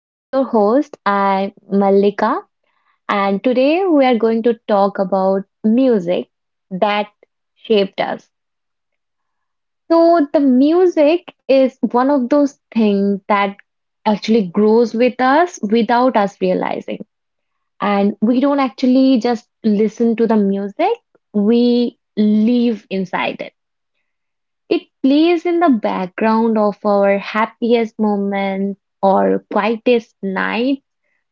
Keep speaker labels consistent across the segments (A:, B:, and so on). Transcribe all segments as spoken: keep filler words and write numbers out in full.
A: I'm your host, I'm Malika, and today we are going to talk about music that shaped us. So, the music is one of those things that actually grows with us without us realizing. And we don't actually just listen to the music, we live inside it. It plays in the background of our happiest moments, or quietest nights,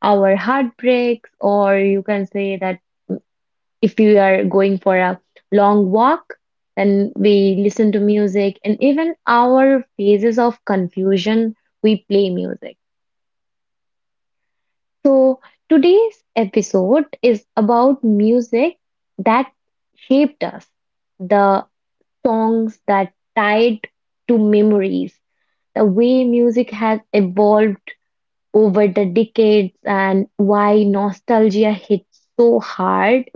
A: our heartbreaks, or you can say that if you are going for a long walk, then we listen to music, and even our phases of confusion, we play music. So today's episode is about music that shaped us, the songs that tied to memories, the way music has evolved over the decades and why nostalgia hits so hard.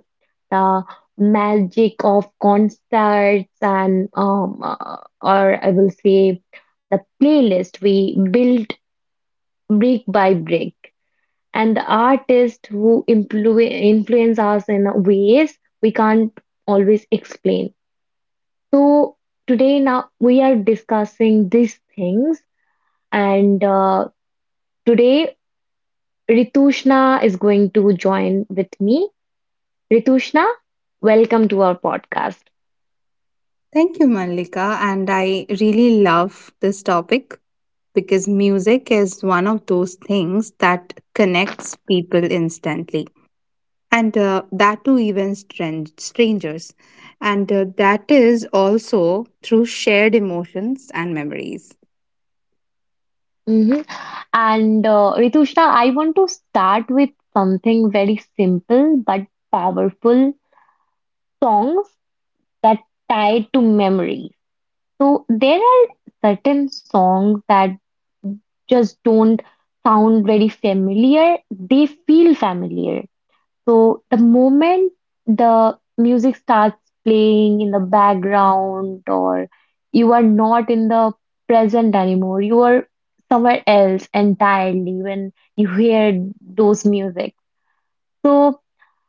A: The magic of concerts and um, uh, or I will say the playlist we built brick by brick and the artists who influ influence us in ways we can't always explain. So today now we are discussing these things, and uh, today Ritushna is going to join with me. Ritushna, welcome to our podcast.
B: Thank you, Malika, and I really love this topic because music is one of those things that connects people instantly, and uh, that to even stran- strangers. And uh, That is also through shared emotions and memories.
A: Hmm. And uh, Ritushna, I want to start with something very simple but powerful, songs that tie to memory. So there are certain songs that just don't sound very familiar. They feel familiar. So the moment the music starts playing in the background, or you are not in the present anymore, you are somewhere else entirely when you hear those music. So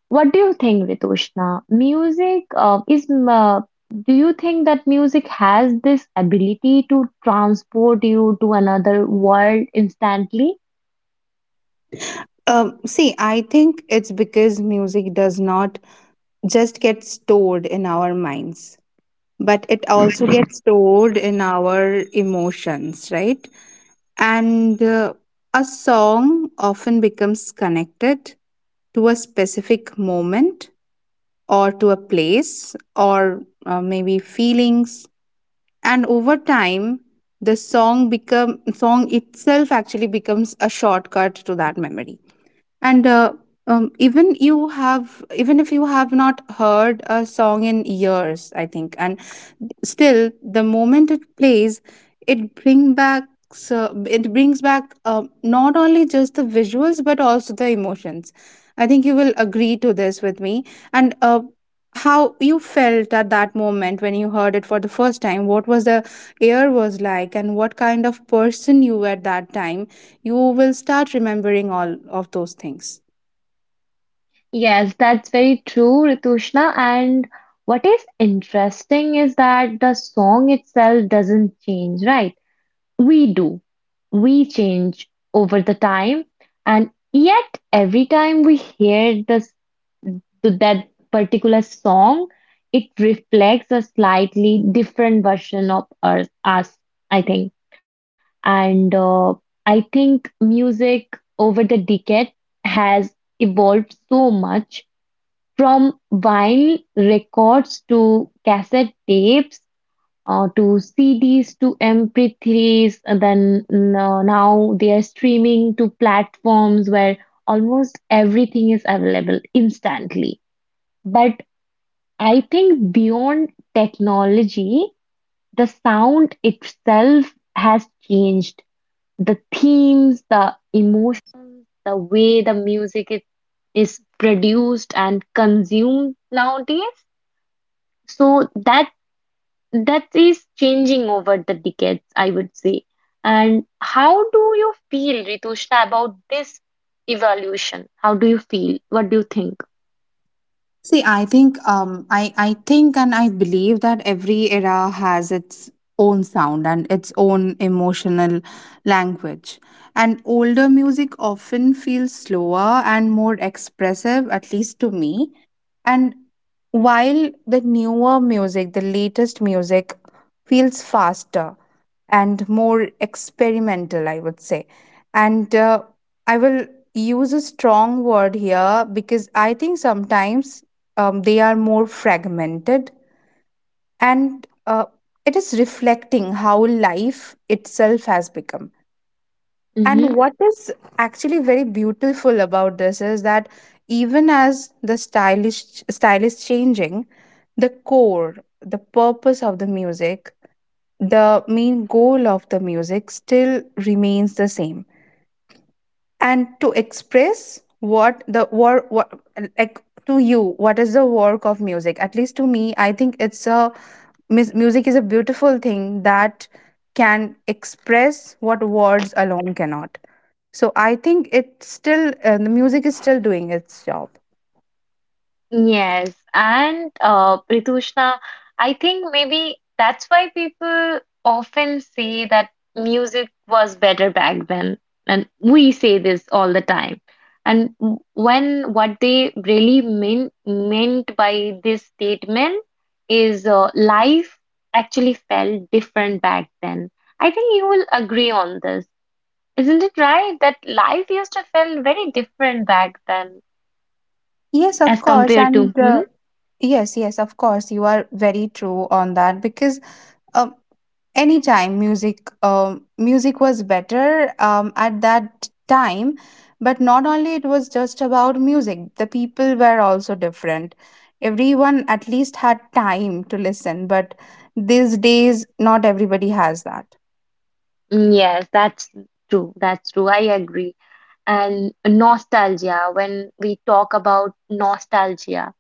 A: what do you think, Ritushna? Music uh, is. M- Uh, do you think that music has this ability to transport you to another world instantly?
B: Um, see, I think it's because music does not just get stored in our minds, but it also gets stored in our emotions, right? and uh, A song often becomes connected to a specific moment, or to a place, or uh, maybe feelings, and over time the song become song itself actually becomes a shortcut to that memory. And uh, um, Even you have even if you have not heard a song in years, I think, and still, the moment it plays, it bring back uh, it brings back uh, not only just the visuals but also the emotions. I think you will agree to this with me. And uh, How you felt at that moment when you heard it for the first time, what was the air was like, and what kind of person you were at that time, you will start remembering all of those things.
A: Yes, that's very true, Ritushna. And what is interesting is that the song itself doesn't change, right? We do. We change over the time, and yet every time we hear the to that particular song, it reflects a slightly different version of us, us I think. And uh, I think music over the decade has evolved so much, from vinyl records to cassette tapes, uh, to C Ds to M P threes, and then no- now they are streaming to platforms where almost everything is available instantly. But I think beyond technology, the sound itself has changed. The themes, the emotions, the way the music is, is produced and consumed nowadays. So that that is changing over the decades, I would say. And how do you feel, Ritushna, about this evolution? How do you feel? What do you think?
B: See, I think um I I think and I believe that every era has its own sound and its own emotional language. And older music often feels slower and more expressive, at least to me. And while the newer music, the latest music, feels faster and more experimental, I would say. And uh, I will use a strong word here, because I think sometimes um, they are more fragmented, and uh, it is reflecting how life itself has become. And what is actually very beautiful about this is that even as the stylish style is changing, the core, the purpose of the music, the main goal of the music, still remains the same, and to express what the work, what, like, to you, what is the work of music? At least to me, I think it's a Mus- music is a beautiful thing that can express what words alone cannot. So I think it's still, uh, the music is still doing its job.
A: Yes, and uh, Pritushna, I think maybe that's why people often say that music was better back then, and we say this all the time. And w- when what they really mean meant by this statement is uh, life actually felt different back then. I think you will agree on this, isn't it right? That life used to feel very different back then
B: Yes, of
A: as
B: course,
A: compared to.
B: and
A: Hmm?
B: uh, yes, yes, of course, you are very true on that, because uh, anytime music, um, music was better um, at that time. But not only it was just about music, the people were also different. Everyone at least had time to listen, but these days not everybody has that.
A: Mm, yes, that's true. That's true. I agree. And nostalgia, when we talk about nostalgia,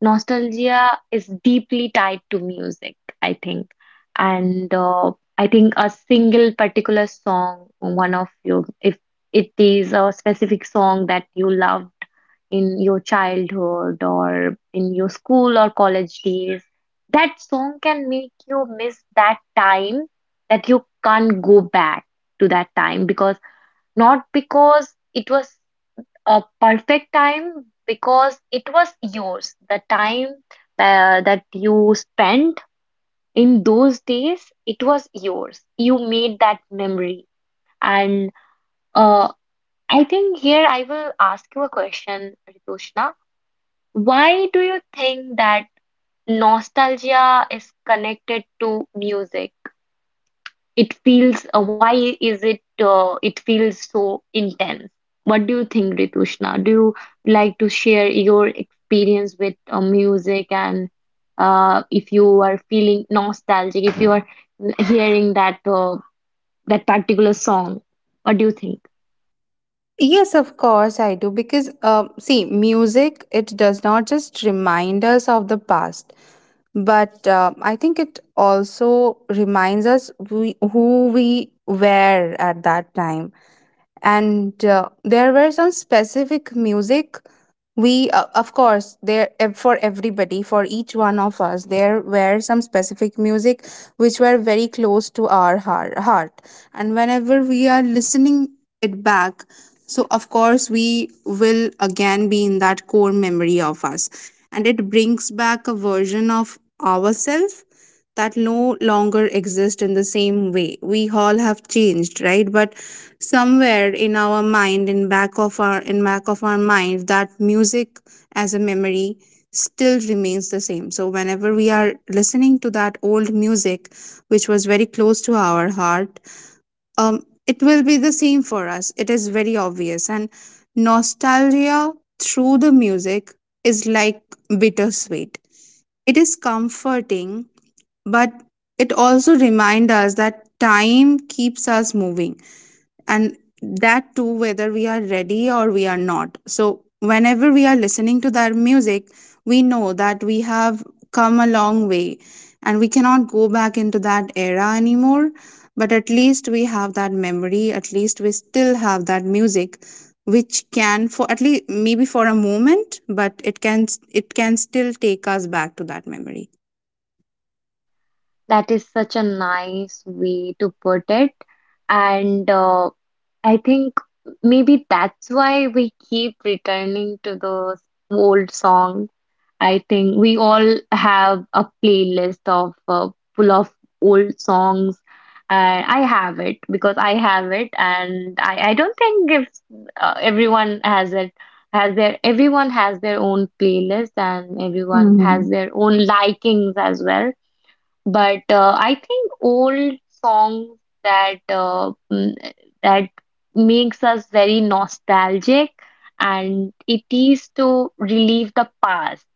A: nostalgia is deeply tied to music, I think. And uh, I think a single particular song, one of you, if it is a specific song that you loved in your childhood or in your school or college days, that song can make you miss that time, that you can't go back to that time, because not because it was a perfect time, because it was yours. The time uh, that you spent in those days, it was yours. You made that memory. And uh, I think here I will ask you a question, Ritushna. Why do you think that nostalgia is connected to music? It feels, uh, why is it uh, it feels so intense? What do you think, Ritushna? Do you like to share your experience with uh, music, and uh, if you are feeling nostalgic, if you are hearing that uh, that particular song, what do you think?
B: Yes, of course I do, because uh, see, music, it does not just remind us of the past, but uh, I think it also reminds us we, who we were at that time. And uh, There were some specific music we, uh, of course, there ev- for everybody, for each one of us, there were some specific music which were very close to our heart, heart and whenever we are listening it back, so of course we will again be in that core memory of us, and it brings back a version of ourselves that no longer exist in the same way. We all have changed, right? But somewhere in our mind, in back of our in back of our mind, that music as a memory still remains the same. So whenever we are listening to that old music, which was very close to our heart, um, it will be the same for us. It is very obvious. And nostalgia through the music is like bittersweet. It is comforting, but it also reminds us that time keeps us moving, and that too, whether we are ready or we are not. So whenever we are listening to that music, we know that we have come a long way and we cannot go back into that era anymore, but at least we have that memory, at least we still have that music, which can, for at least maybe for a moment, but it can it can still take us back to that memory.
A: That is such a nice way to put it, and uh, I think maybe that's why we keep returning to those old songs. I think we all have a playlist of uh, full of old songs. And I have it, because I have it, and I, I don't think if uh, everyone has it, has their everyone has their own playlist, and everyone
B: Hmm.
A: has their own likings as well. But uh, I think old songs that uh, mm, that makes us very nostalgic, and it is to relieve the past,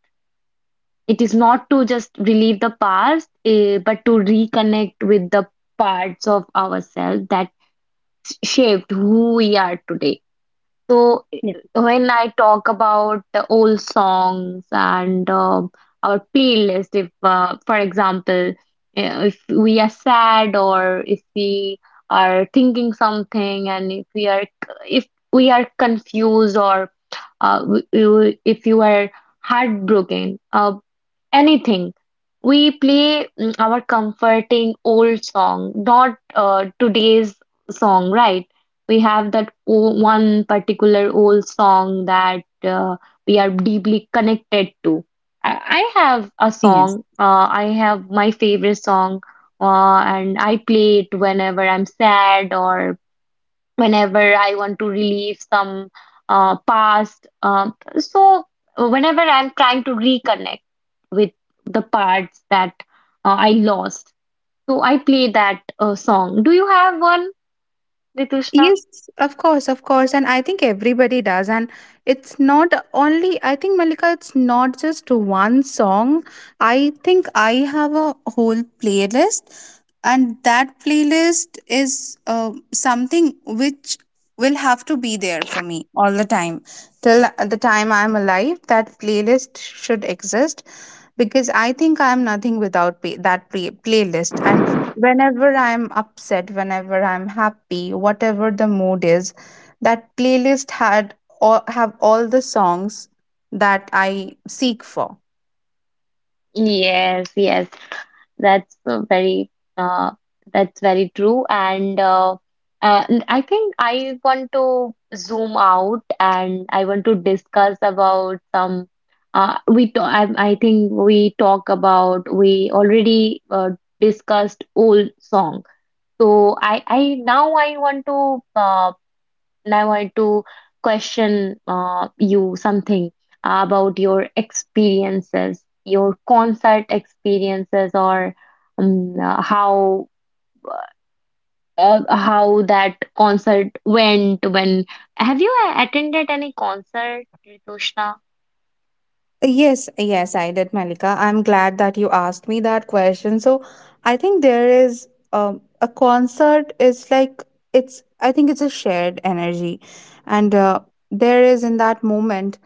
A: it is not to just relieve the past, eh, but to reconnect with the parts of ourselves that shaped who we are today. So i- when I talk about the old songs and um our playlist, if uh, for example, uh, if we are sad, or if we are thinking something, and if we are, if we are confused, or uh, w- w- if you are heartbroken, uh, anything. We play mm, our comforting old song, not uh, today's song, right? We have that o- one particular old song that uh, we are deeply connected to. I, I have a song, uh, I have my favorite song, uh, and I play it whenever I'm sad, or whenever I want to relieve some uh, past. Um, so, whenever I'm trying to reconnect with the parts that uh, I lost, so I play that uh, song. Do you have one, Ritushna?
B: Yes, of course, of course. And I think everybody does. And it's not only, I think, Malika, it's not just one song. I think I have a whole playlist, and that playlist is uh, something which will have to be there for me all the time. Till the time I'm alive, that playlist should exist, because I think I'm nothing without pay- that play- playlist. And whenever I'm upset, whenever I'm happy, whatever the mood is, that playlist had all, have all the songs that I seek for.
A: Yes, yes, that's uh, very uh, that's very true. And uh, uh, n- I think I want to zoom out and I want to discuss about some. Uh, we to I, I think we talk about we already uh, discussed old song. So I I now I want to uh, and I want to question uh, you something about your experiences, your concert experiences, or um, uh, how uh, how that concert went. When have you attended any concert, Ritushna?
B: Yes, yes, I did, Malika. I'm glad that you asked me that question. So I think there is, um, a concert is like, it's, I think it's a shared energy, and uh, there is, in that moment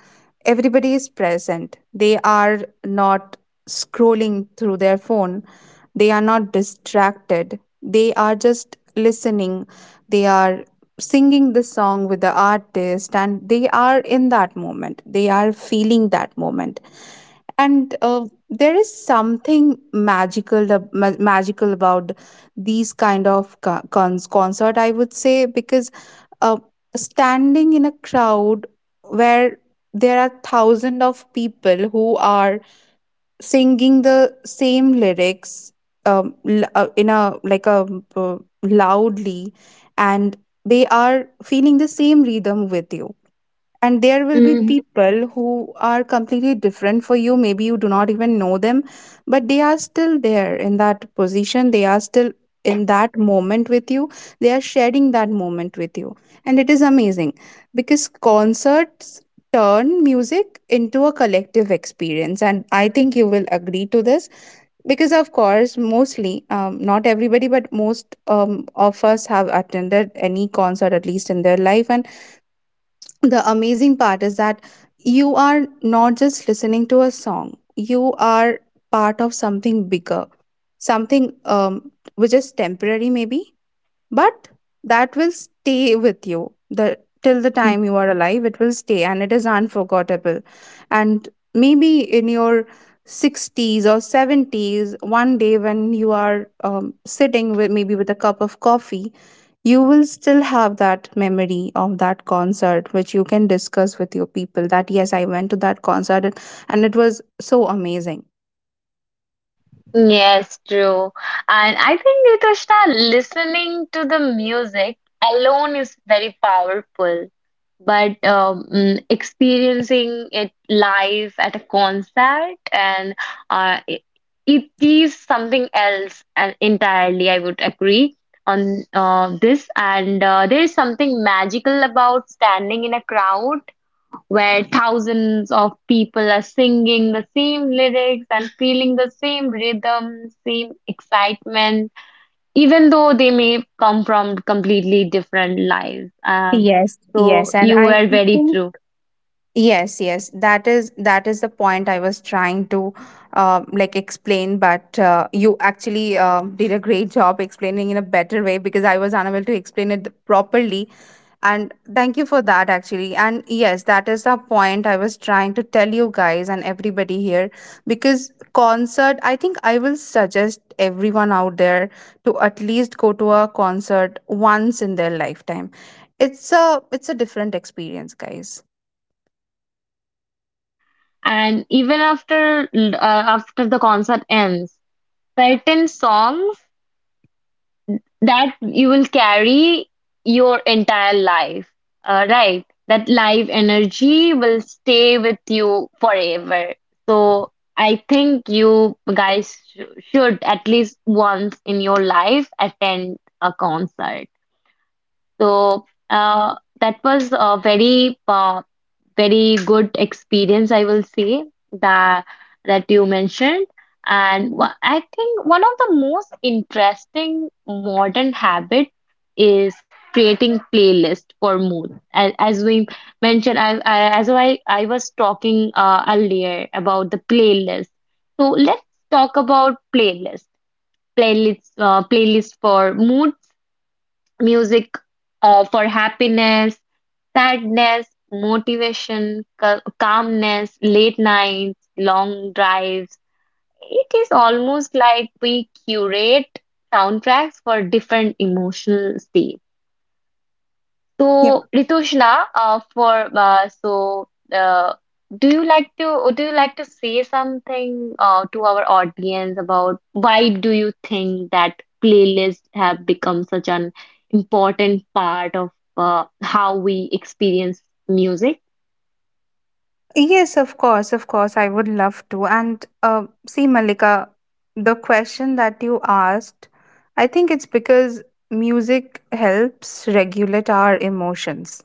B: everybody is present. They are not scrolling through their phone. They are not distracted. They are just listening. They are singing the song with the artist, and they are in that moment. They are feeling that moment. And uh, There is something magical ab- ma- magical about these kind of co- cons- concert, I would say, because uh, standing in a crowd where there are thousands of people who are singing the same lyrics, um, l- uh, in a like a uh, loudly, and they are feeling the same rhythm with you. And there will be
A: Mm.
B: people who are completely different for you, maybe you do not even know them, but they are still there in that position, they are still in that moment with you, they are sharing that moment with you, and it is amazing, because concerts turn music into a collective experience. And I think you will agree to this, because of course, mostly, um, not everybody, but most um, of us have attended any concert at least in their life. And the amazing part is that you are not just listening to a song, you are part of something bigger, something, um, which is temporary maybe, but that will stay with you the till the time you are alive, it will stay, and it is unforgettable. And maybe in your sixties or seventies, one day, when you are um, sitting with maybe with a cup of coffee, you will still have that memory of that concert, which you can discuss with your people, that yes, I went to that concert, and and it was so amazing.
A: Yes, true. And I think, Nitushna, listening to the music alone is very powerful. But um, mm, experiencing it live at a concert and uh, it, it is something else and entirely. I would agree on uh, this. And uh, there is something magical about standing in a crowd where thousands of people are singing the same lyrics and feeling the same rhythm, same excitement, even though they may come from completely different lives. Um,
B: Yes,
A: so
B: yes, and
A: you
B: I
A: were very
B: think
A: true.
B: Yes, yes, that is that is the point I was trying to uh, like explain, but uh, you actually uh, did a great job explaining in a better way, because I was unable to explain it properly, and thank you for that actually. And yes, that is the point I was trying to tell you guys and everybody here, because concert, I think I will suggest everyone out there to at least go to a concert once in their lifetime. It's a it's a different experience, guys.
A: And even after uh, after the concert ends, certain songs that you will carry your entire life, uh, right? That life energy will stay with you forever. So I think you guys sh should at least once in your life attend a concert. So uh, that was a very uh, very good experience, I will say that that you mentioned. And
B: Mhm.
A: wha- I think one of the most interesting modern habit is creating playlist for mood. As, as we mentioned, I, I as I I was talking uh, earlier about the playlist. So let's talk about playlist. Playlist uh, playlist for mood music uh, for happiness, sadness, motivation, cal- calmness, late nights, long drives. It is almost like we curate soundtracks for different emotional states. So, Ritushna, uh, for uh, so uh, do you like to do you like to say something uh, to our audience about why do you think that playlists have become such an important part of uh, how we experience music?
B: Yes, of course, of course, I would love to. And uh, See, Malika, the question that you asked, I think it's because music helps regulate our emotions.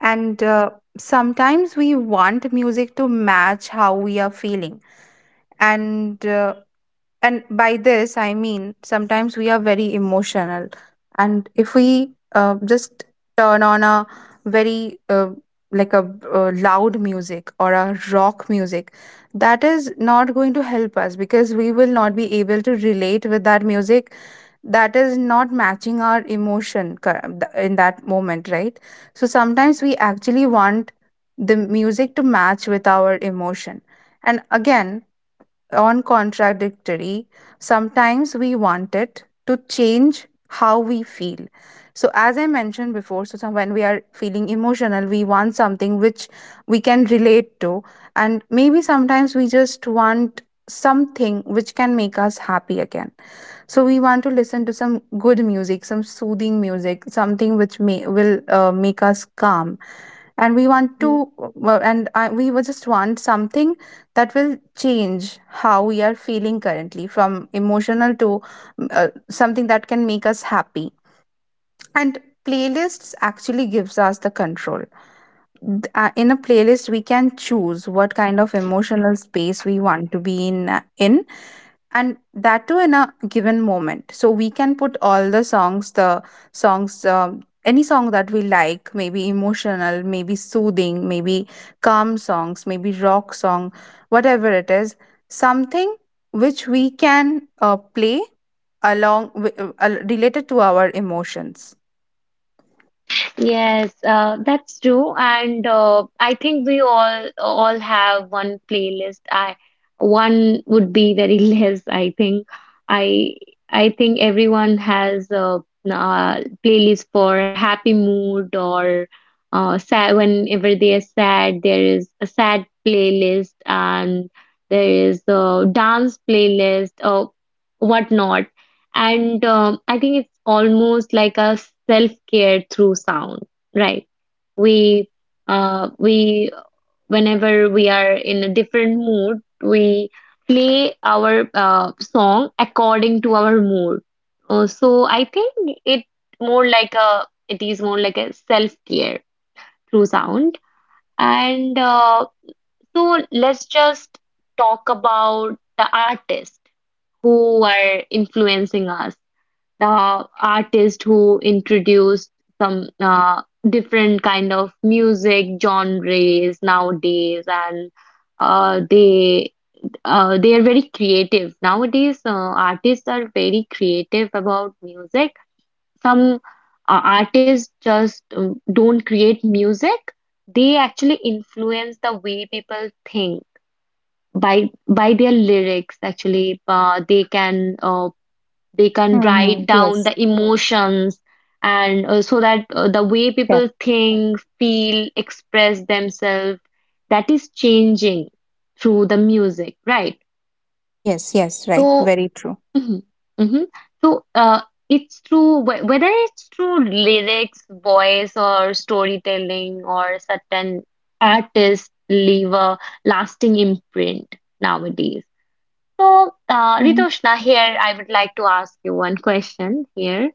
B: And uh, Sometimes we want music to match how we are feeling. And uh, and by this I mean, sometimes we are very emotional, and if we uh, just turn on a very, uh, like a uh, loud music or a rock music, that is not going to help us, because we will not be able to relate with that music, that is not matching our emotion cur- th- in that moment, right? So sometimes we actually want the music to match with our emotion, and again, on contradictory. Sometimes we want it to change how we feel. So, as I mentioned before, so some- when we are feeling emotional, we want something which we can relate to, and maybe sometimes we just want something which can make us happy again. So we want to listen to some good music, some soothing music, something which may will uh, make us calm. And we want
A: Mm,
B: to, well, and I, we will just want something that will change how we are feeling currently, from emotional to, mm, uh, something that can make us happy. And playlists actually gives us the control. Th- uh, In a playlist, we can choose what kind of emotional space we want to be in. Uh, In and that too in a given moment, so we can put all the songs the songs, um, any song that we like, maybe emotional, maybe soothing, maybe calm songs, maybe rock song, whatever it is, something which we can uh, play along with, uh, uh, related to our emotions.
A: yes, uh, that's true, and uh, I think we all all have one playlist. I one would be very less. I think I I think everyone has a, uh playlist for happy mood or uh, sad. Whenever they are sad, there is a sad playlist, and there is a dance playlist or whatnot. And um, I think it's almost like a self-care through sound, right? We, uh, we, Whenever we are in a different mood, we play our uh, song according to our mood. Uh, so I think it more like a, it is more like a self-care through sound. And uh, So let's just talk about the artists who are influencing us, uh, artist who introduced some uh, different kind of music genres nowadays, and uh, they uh, they are very creative nowadays. Uh, artists are very creative about music. Some uh, artists just um, don't create music, they actually influence the way people think by by their lyrics. Actually, uh, they can uh, they can write
B: Hmm.
A: down
B: Yes.
A: the emotions, and uh, so that uh, the way
B: Yeah.
A: people think, feel, express themselves, that is changing through the music, right?
B: Yes, yes, right,
A: So,
B: very true.
A: mhm, mhm. So, uh, it's through wh- whether it's through lyrics, voice, or storytelling, or certain artists leave a lasting imprint nowadays. So, uh, Ritoshna, here I would like to ask you one question here.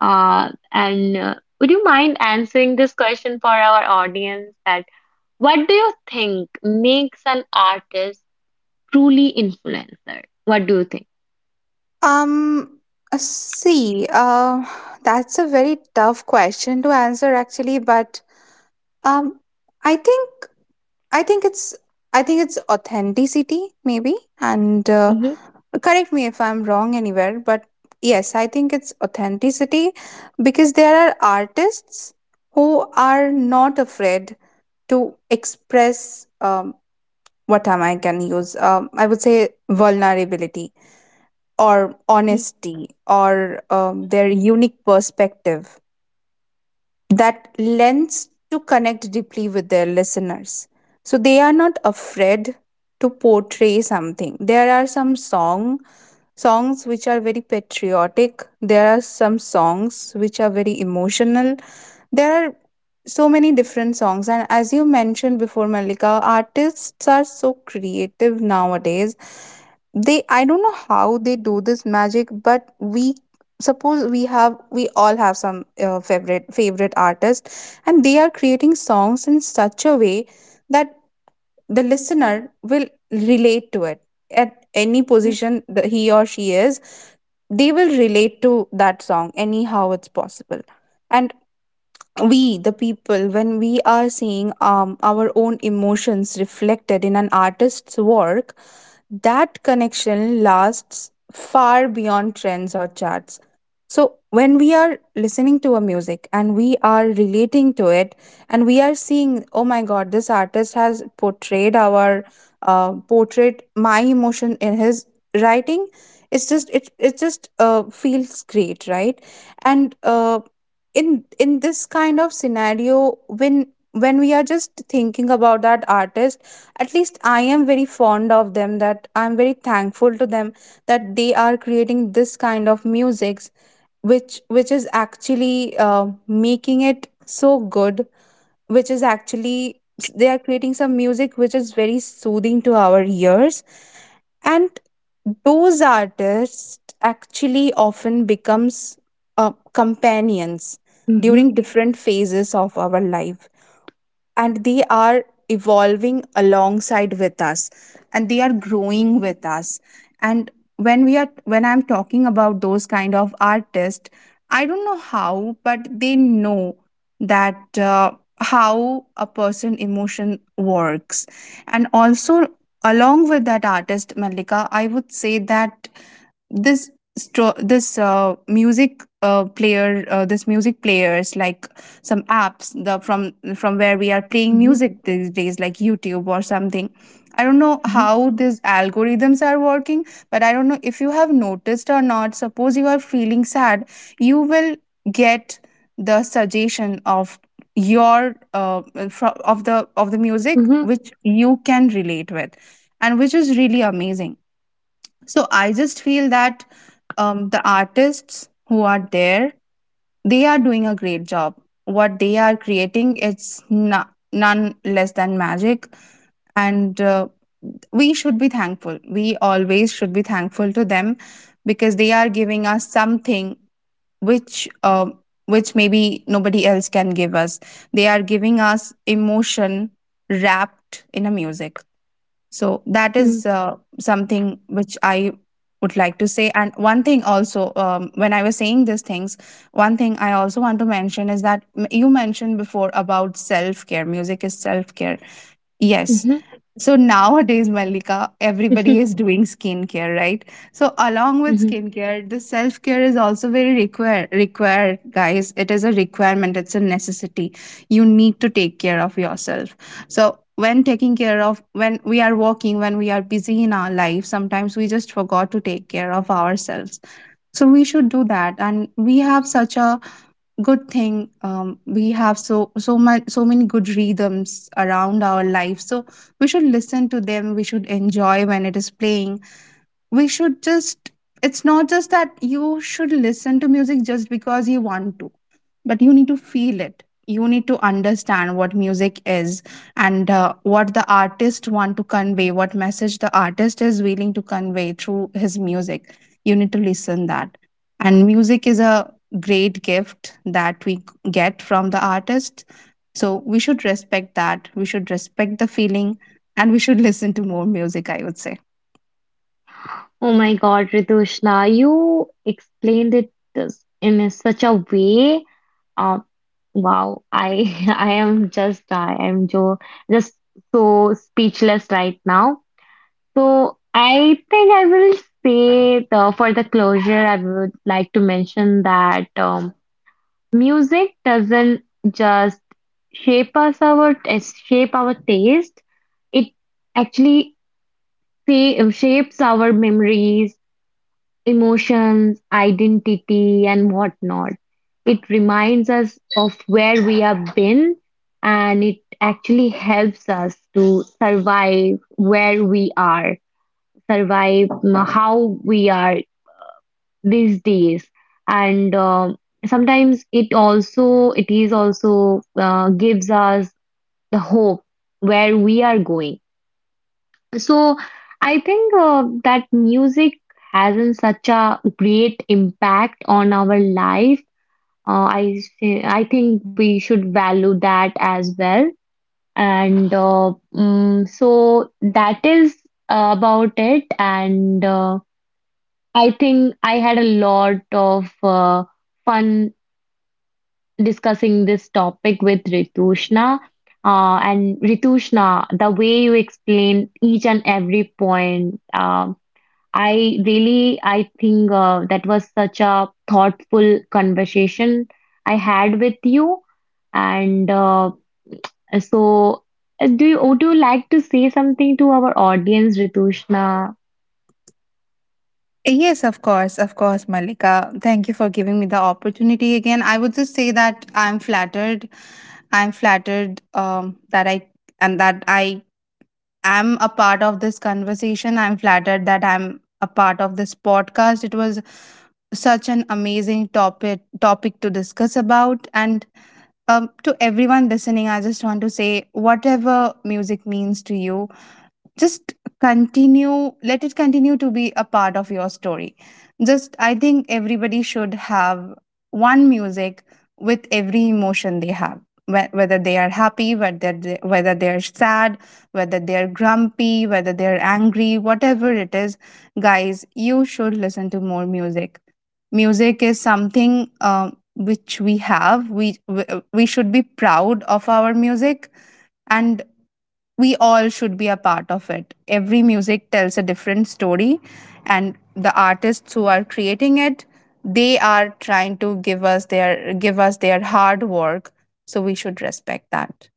A: Uh, and uh, would you mind answering this question for our audience, that what do you think makes an artist truly influencer? What do you think?
B: Um, uh, see, uh, that's a very tough question to answer actually, but um, I think I think it's I think it's authenticity maybe, and uh,
A: Mm-hmm.
B: correct me if I'm wrong anywhere, but yes, I think it's authenticity because there are artists who are not afraid to express um, what am I can use um, I would say vulnerability or
A: Mm-hmm.
B: honesty or um, their unique perspective that lends to connect deeply with their listeners. So they are not afraid to portray something. There are some song songs which are very patriotic. There are some songs which are very emotional. There are so many different songs, and as you mentioned before, Malika, artists are so creative nowadays. They, I don't know how they do this magic, but we suppose we have we all have some uh, favorite favorite artist, and they are creating songs in such a way that the listener will relate to it at any position that he or she is. They will relate to that song anyhow it's possible. And we the people, when we are seeing um, our own emotions reflected in an artist's work, that connection lasts far beyond trends or charts. So, when we are listening to a music and we are relating to it, and we are seeing, oh my god, this artist has portrayed our uh, portrait, my emotion in his writing. It's just it it just uh, feels great, right? And uh, in in this kind of scenario, when when we are just thinking about that artist, at least I am very fond of them, that I'm very thankful to them that they are creating this kind of musics, which which is actually uh, making it so good, which is actually they are creating some music which is very soothing to our ears. And those artists actually often becomes uh, companions
A: Mm-hmm.
B: during different phases of our life, and they are evolving alongside with us and they are growing with us. And when we are when I'm talking about those kind of artists, I don't know how, but they know that uh, how a person emotion works. And also, along with that artist, Malika, I would say that this stro- this uh, music uh, player, uh, this music players like some apps, the from from where we are playing
A: Mm-hmm.
B: music these days, like YouTube or something. I don't know how these algorithms are working, but I don't know if you have noticed or not. Suppose you are feeling sad, you will get the suggestion of your uh, fro- of the of the music
A: Mm-hmm.
B: which you can relate with, and which is really amazing. So I just feel that um, the artists who are there, they are doing a great job. What they are creating, it's no, none less than magic, and uh, we should be thankful. We always should be thankful to them because they are giving us something which. Uh, which maybe nobody else can give us. They are giving us emotion wrapped in a music. So that
A: Mm-hmm.
B: is uh, something which I would like to say. And one thing also, um, when I was saying these things, one thing I also want to mention is that m- you mentioned before about self care. Music is self care. Yes. So nowadays, Malika, everybody
A: Mm-hmm.
B: is doing skincare, right? So along with skincare, the self-care is also very require required, guys. It is a requirement, it's a necessity. You need to take care of yourself. So when taking care of when we are working, when we are busy in our life, sometimes we just forgot to take care of ourselves. So we should do that. And we have such a good thing. Um, we have so so much so many good rhythms around our life, so we should listen to them, we should enjoy when it is playing. We should just, it's not just that you should listen to music just because you want to, but you need to feel it, you need to understand what music is, and uh, what the artist want to convey, what message the artist is willing to convey through his music. You need to listen that. And music is a great gift that we get from the artist, so we should respect that, we should respect the feeling, and we should listen to more music, I would say.
A: Oh my God, Ridoshna, you explained it this- in a such a way. Uh, wow, I I am just I am jo just so speechless right now. So I think I will say the, for the closure, I would like to mention that um, music doesn't just shape us our shape our taste. It actually say, shapes our memories, emotions, identity, and whatnot. It reminds us of where we have been, and it actually helps us to survive where we are, survive mm, how we are these days. And um sometimes it also it is also uh, gives us the hope where we are going. So I think uh, that music has in such a great impact on our life. Uh, I thi- I think we should value that as well. And uh, mm, so that is uh, about it. And uh, I think I had a lot of uh, fun discussing this topic with Ritushna. Uh, and Ritushna, the way you explained each and every point, um, I really, I think uh, that was such a thoughtful conversation I had with you. And uh, so, uh, do you, would you like to say something to our audience, Ritushna?
B: Yes, of course, of course, Malika. Thank you for giving me the opportunity again. I would just say that I'm flattered. I'm flattered um, that I and that I am a part of this conversation. I'm flattered that I'm a part of this podcast. It was such an amazing topic topic to discuss about. And um, To everyone listening, I just want to say whatever music means to you, just continue, let it continue to be a part of your story. Just I think everybody should have one music with every emotion they have. Whe- whether they are happy, whether they, whether they're sad, whether they're grumpy, whether they're angry, whatever it is, guys, you should listen to more music. Music is something, um, which we have we we we should be proud of our music, and we all should be a part of it. Every music tells a different story, and the artists who are creating it, they are trying to give us their give us their hard work. So we should respect that.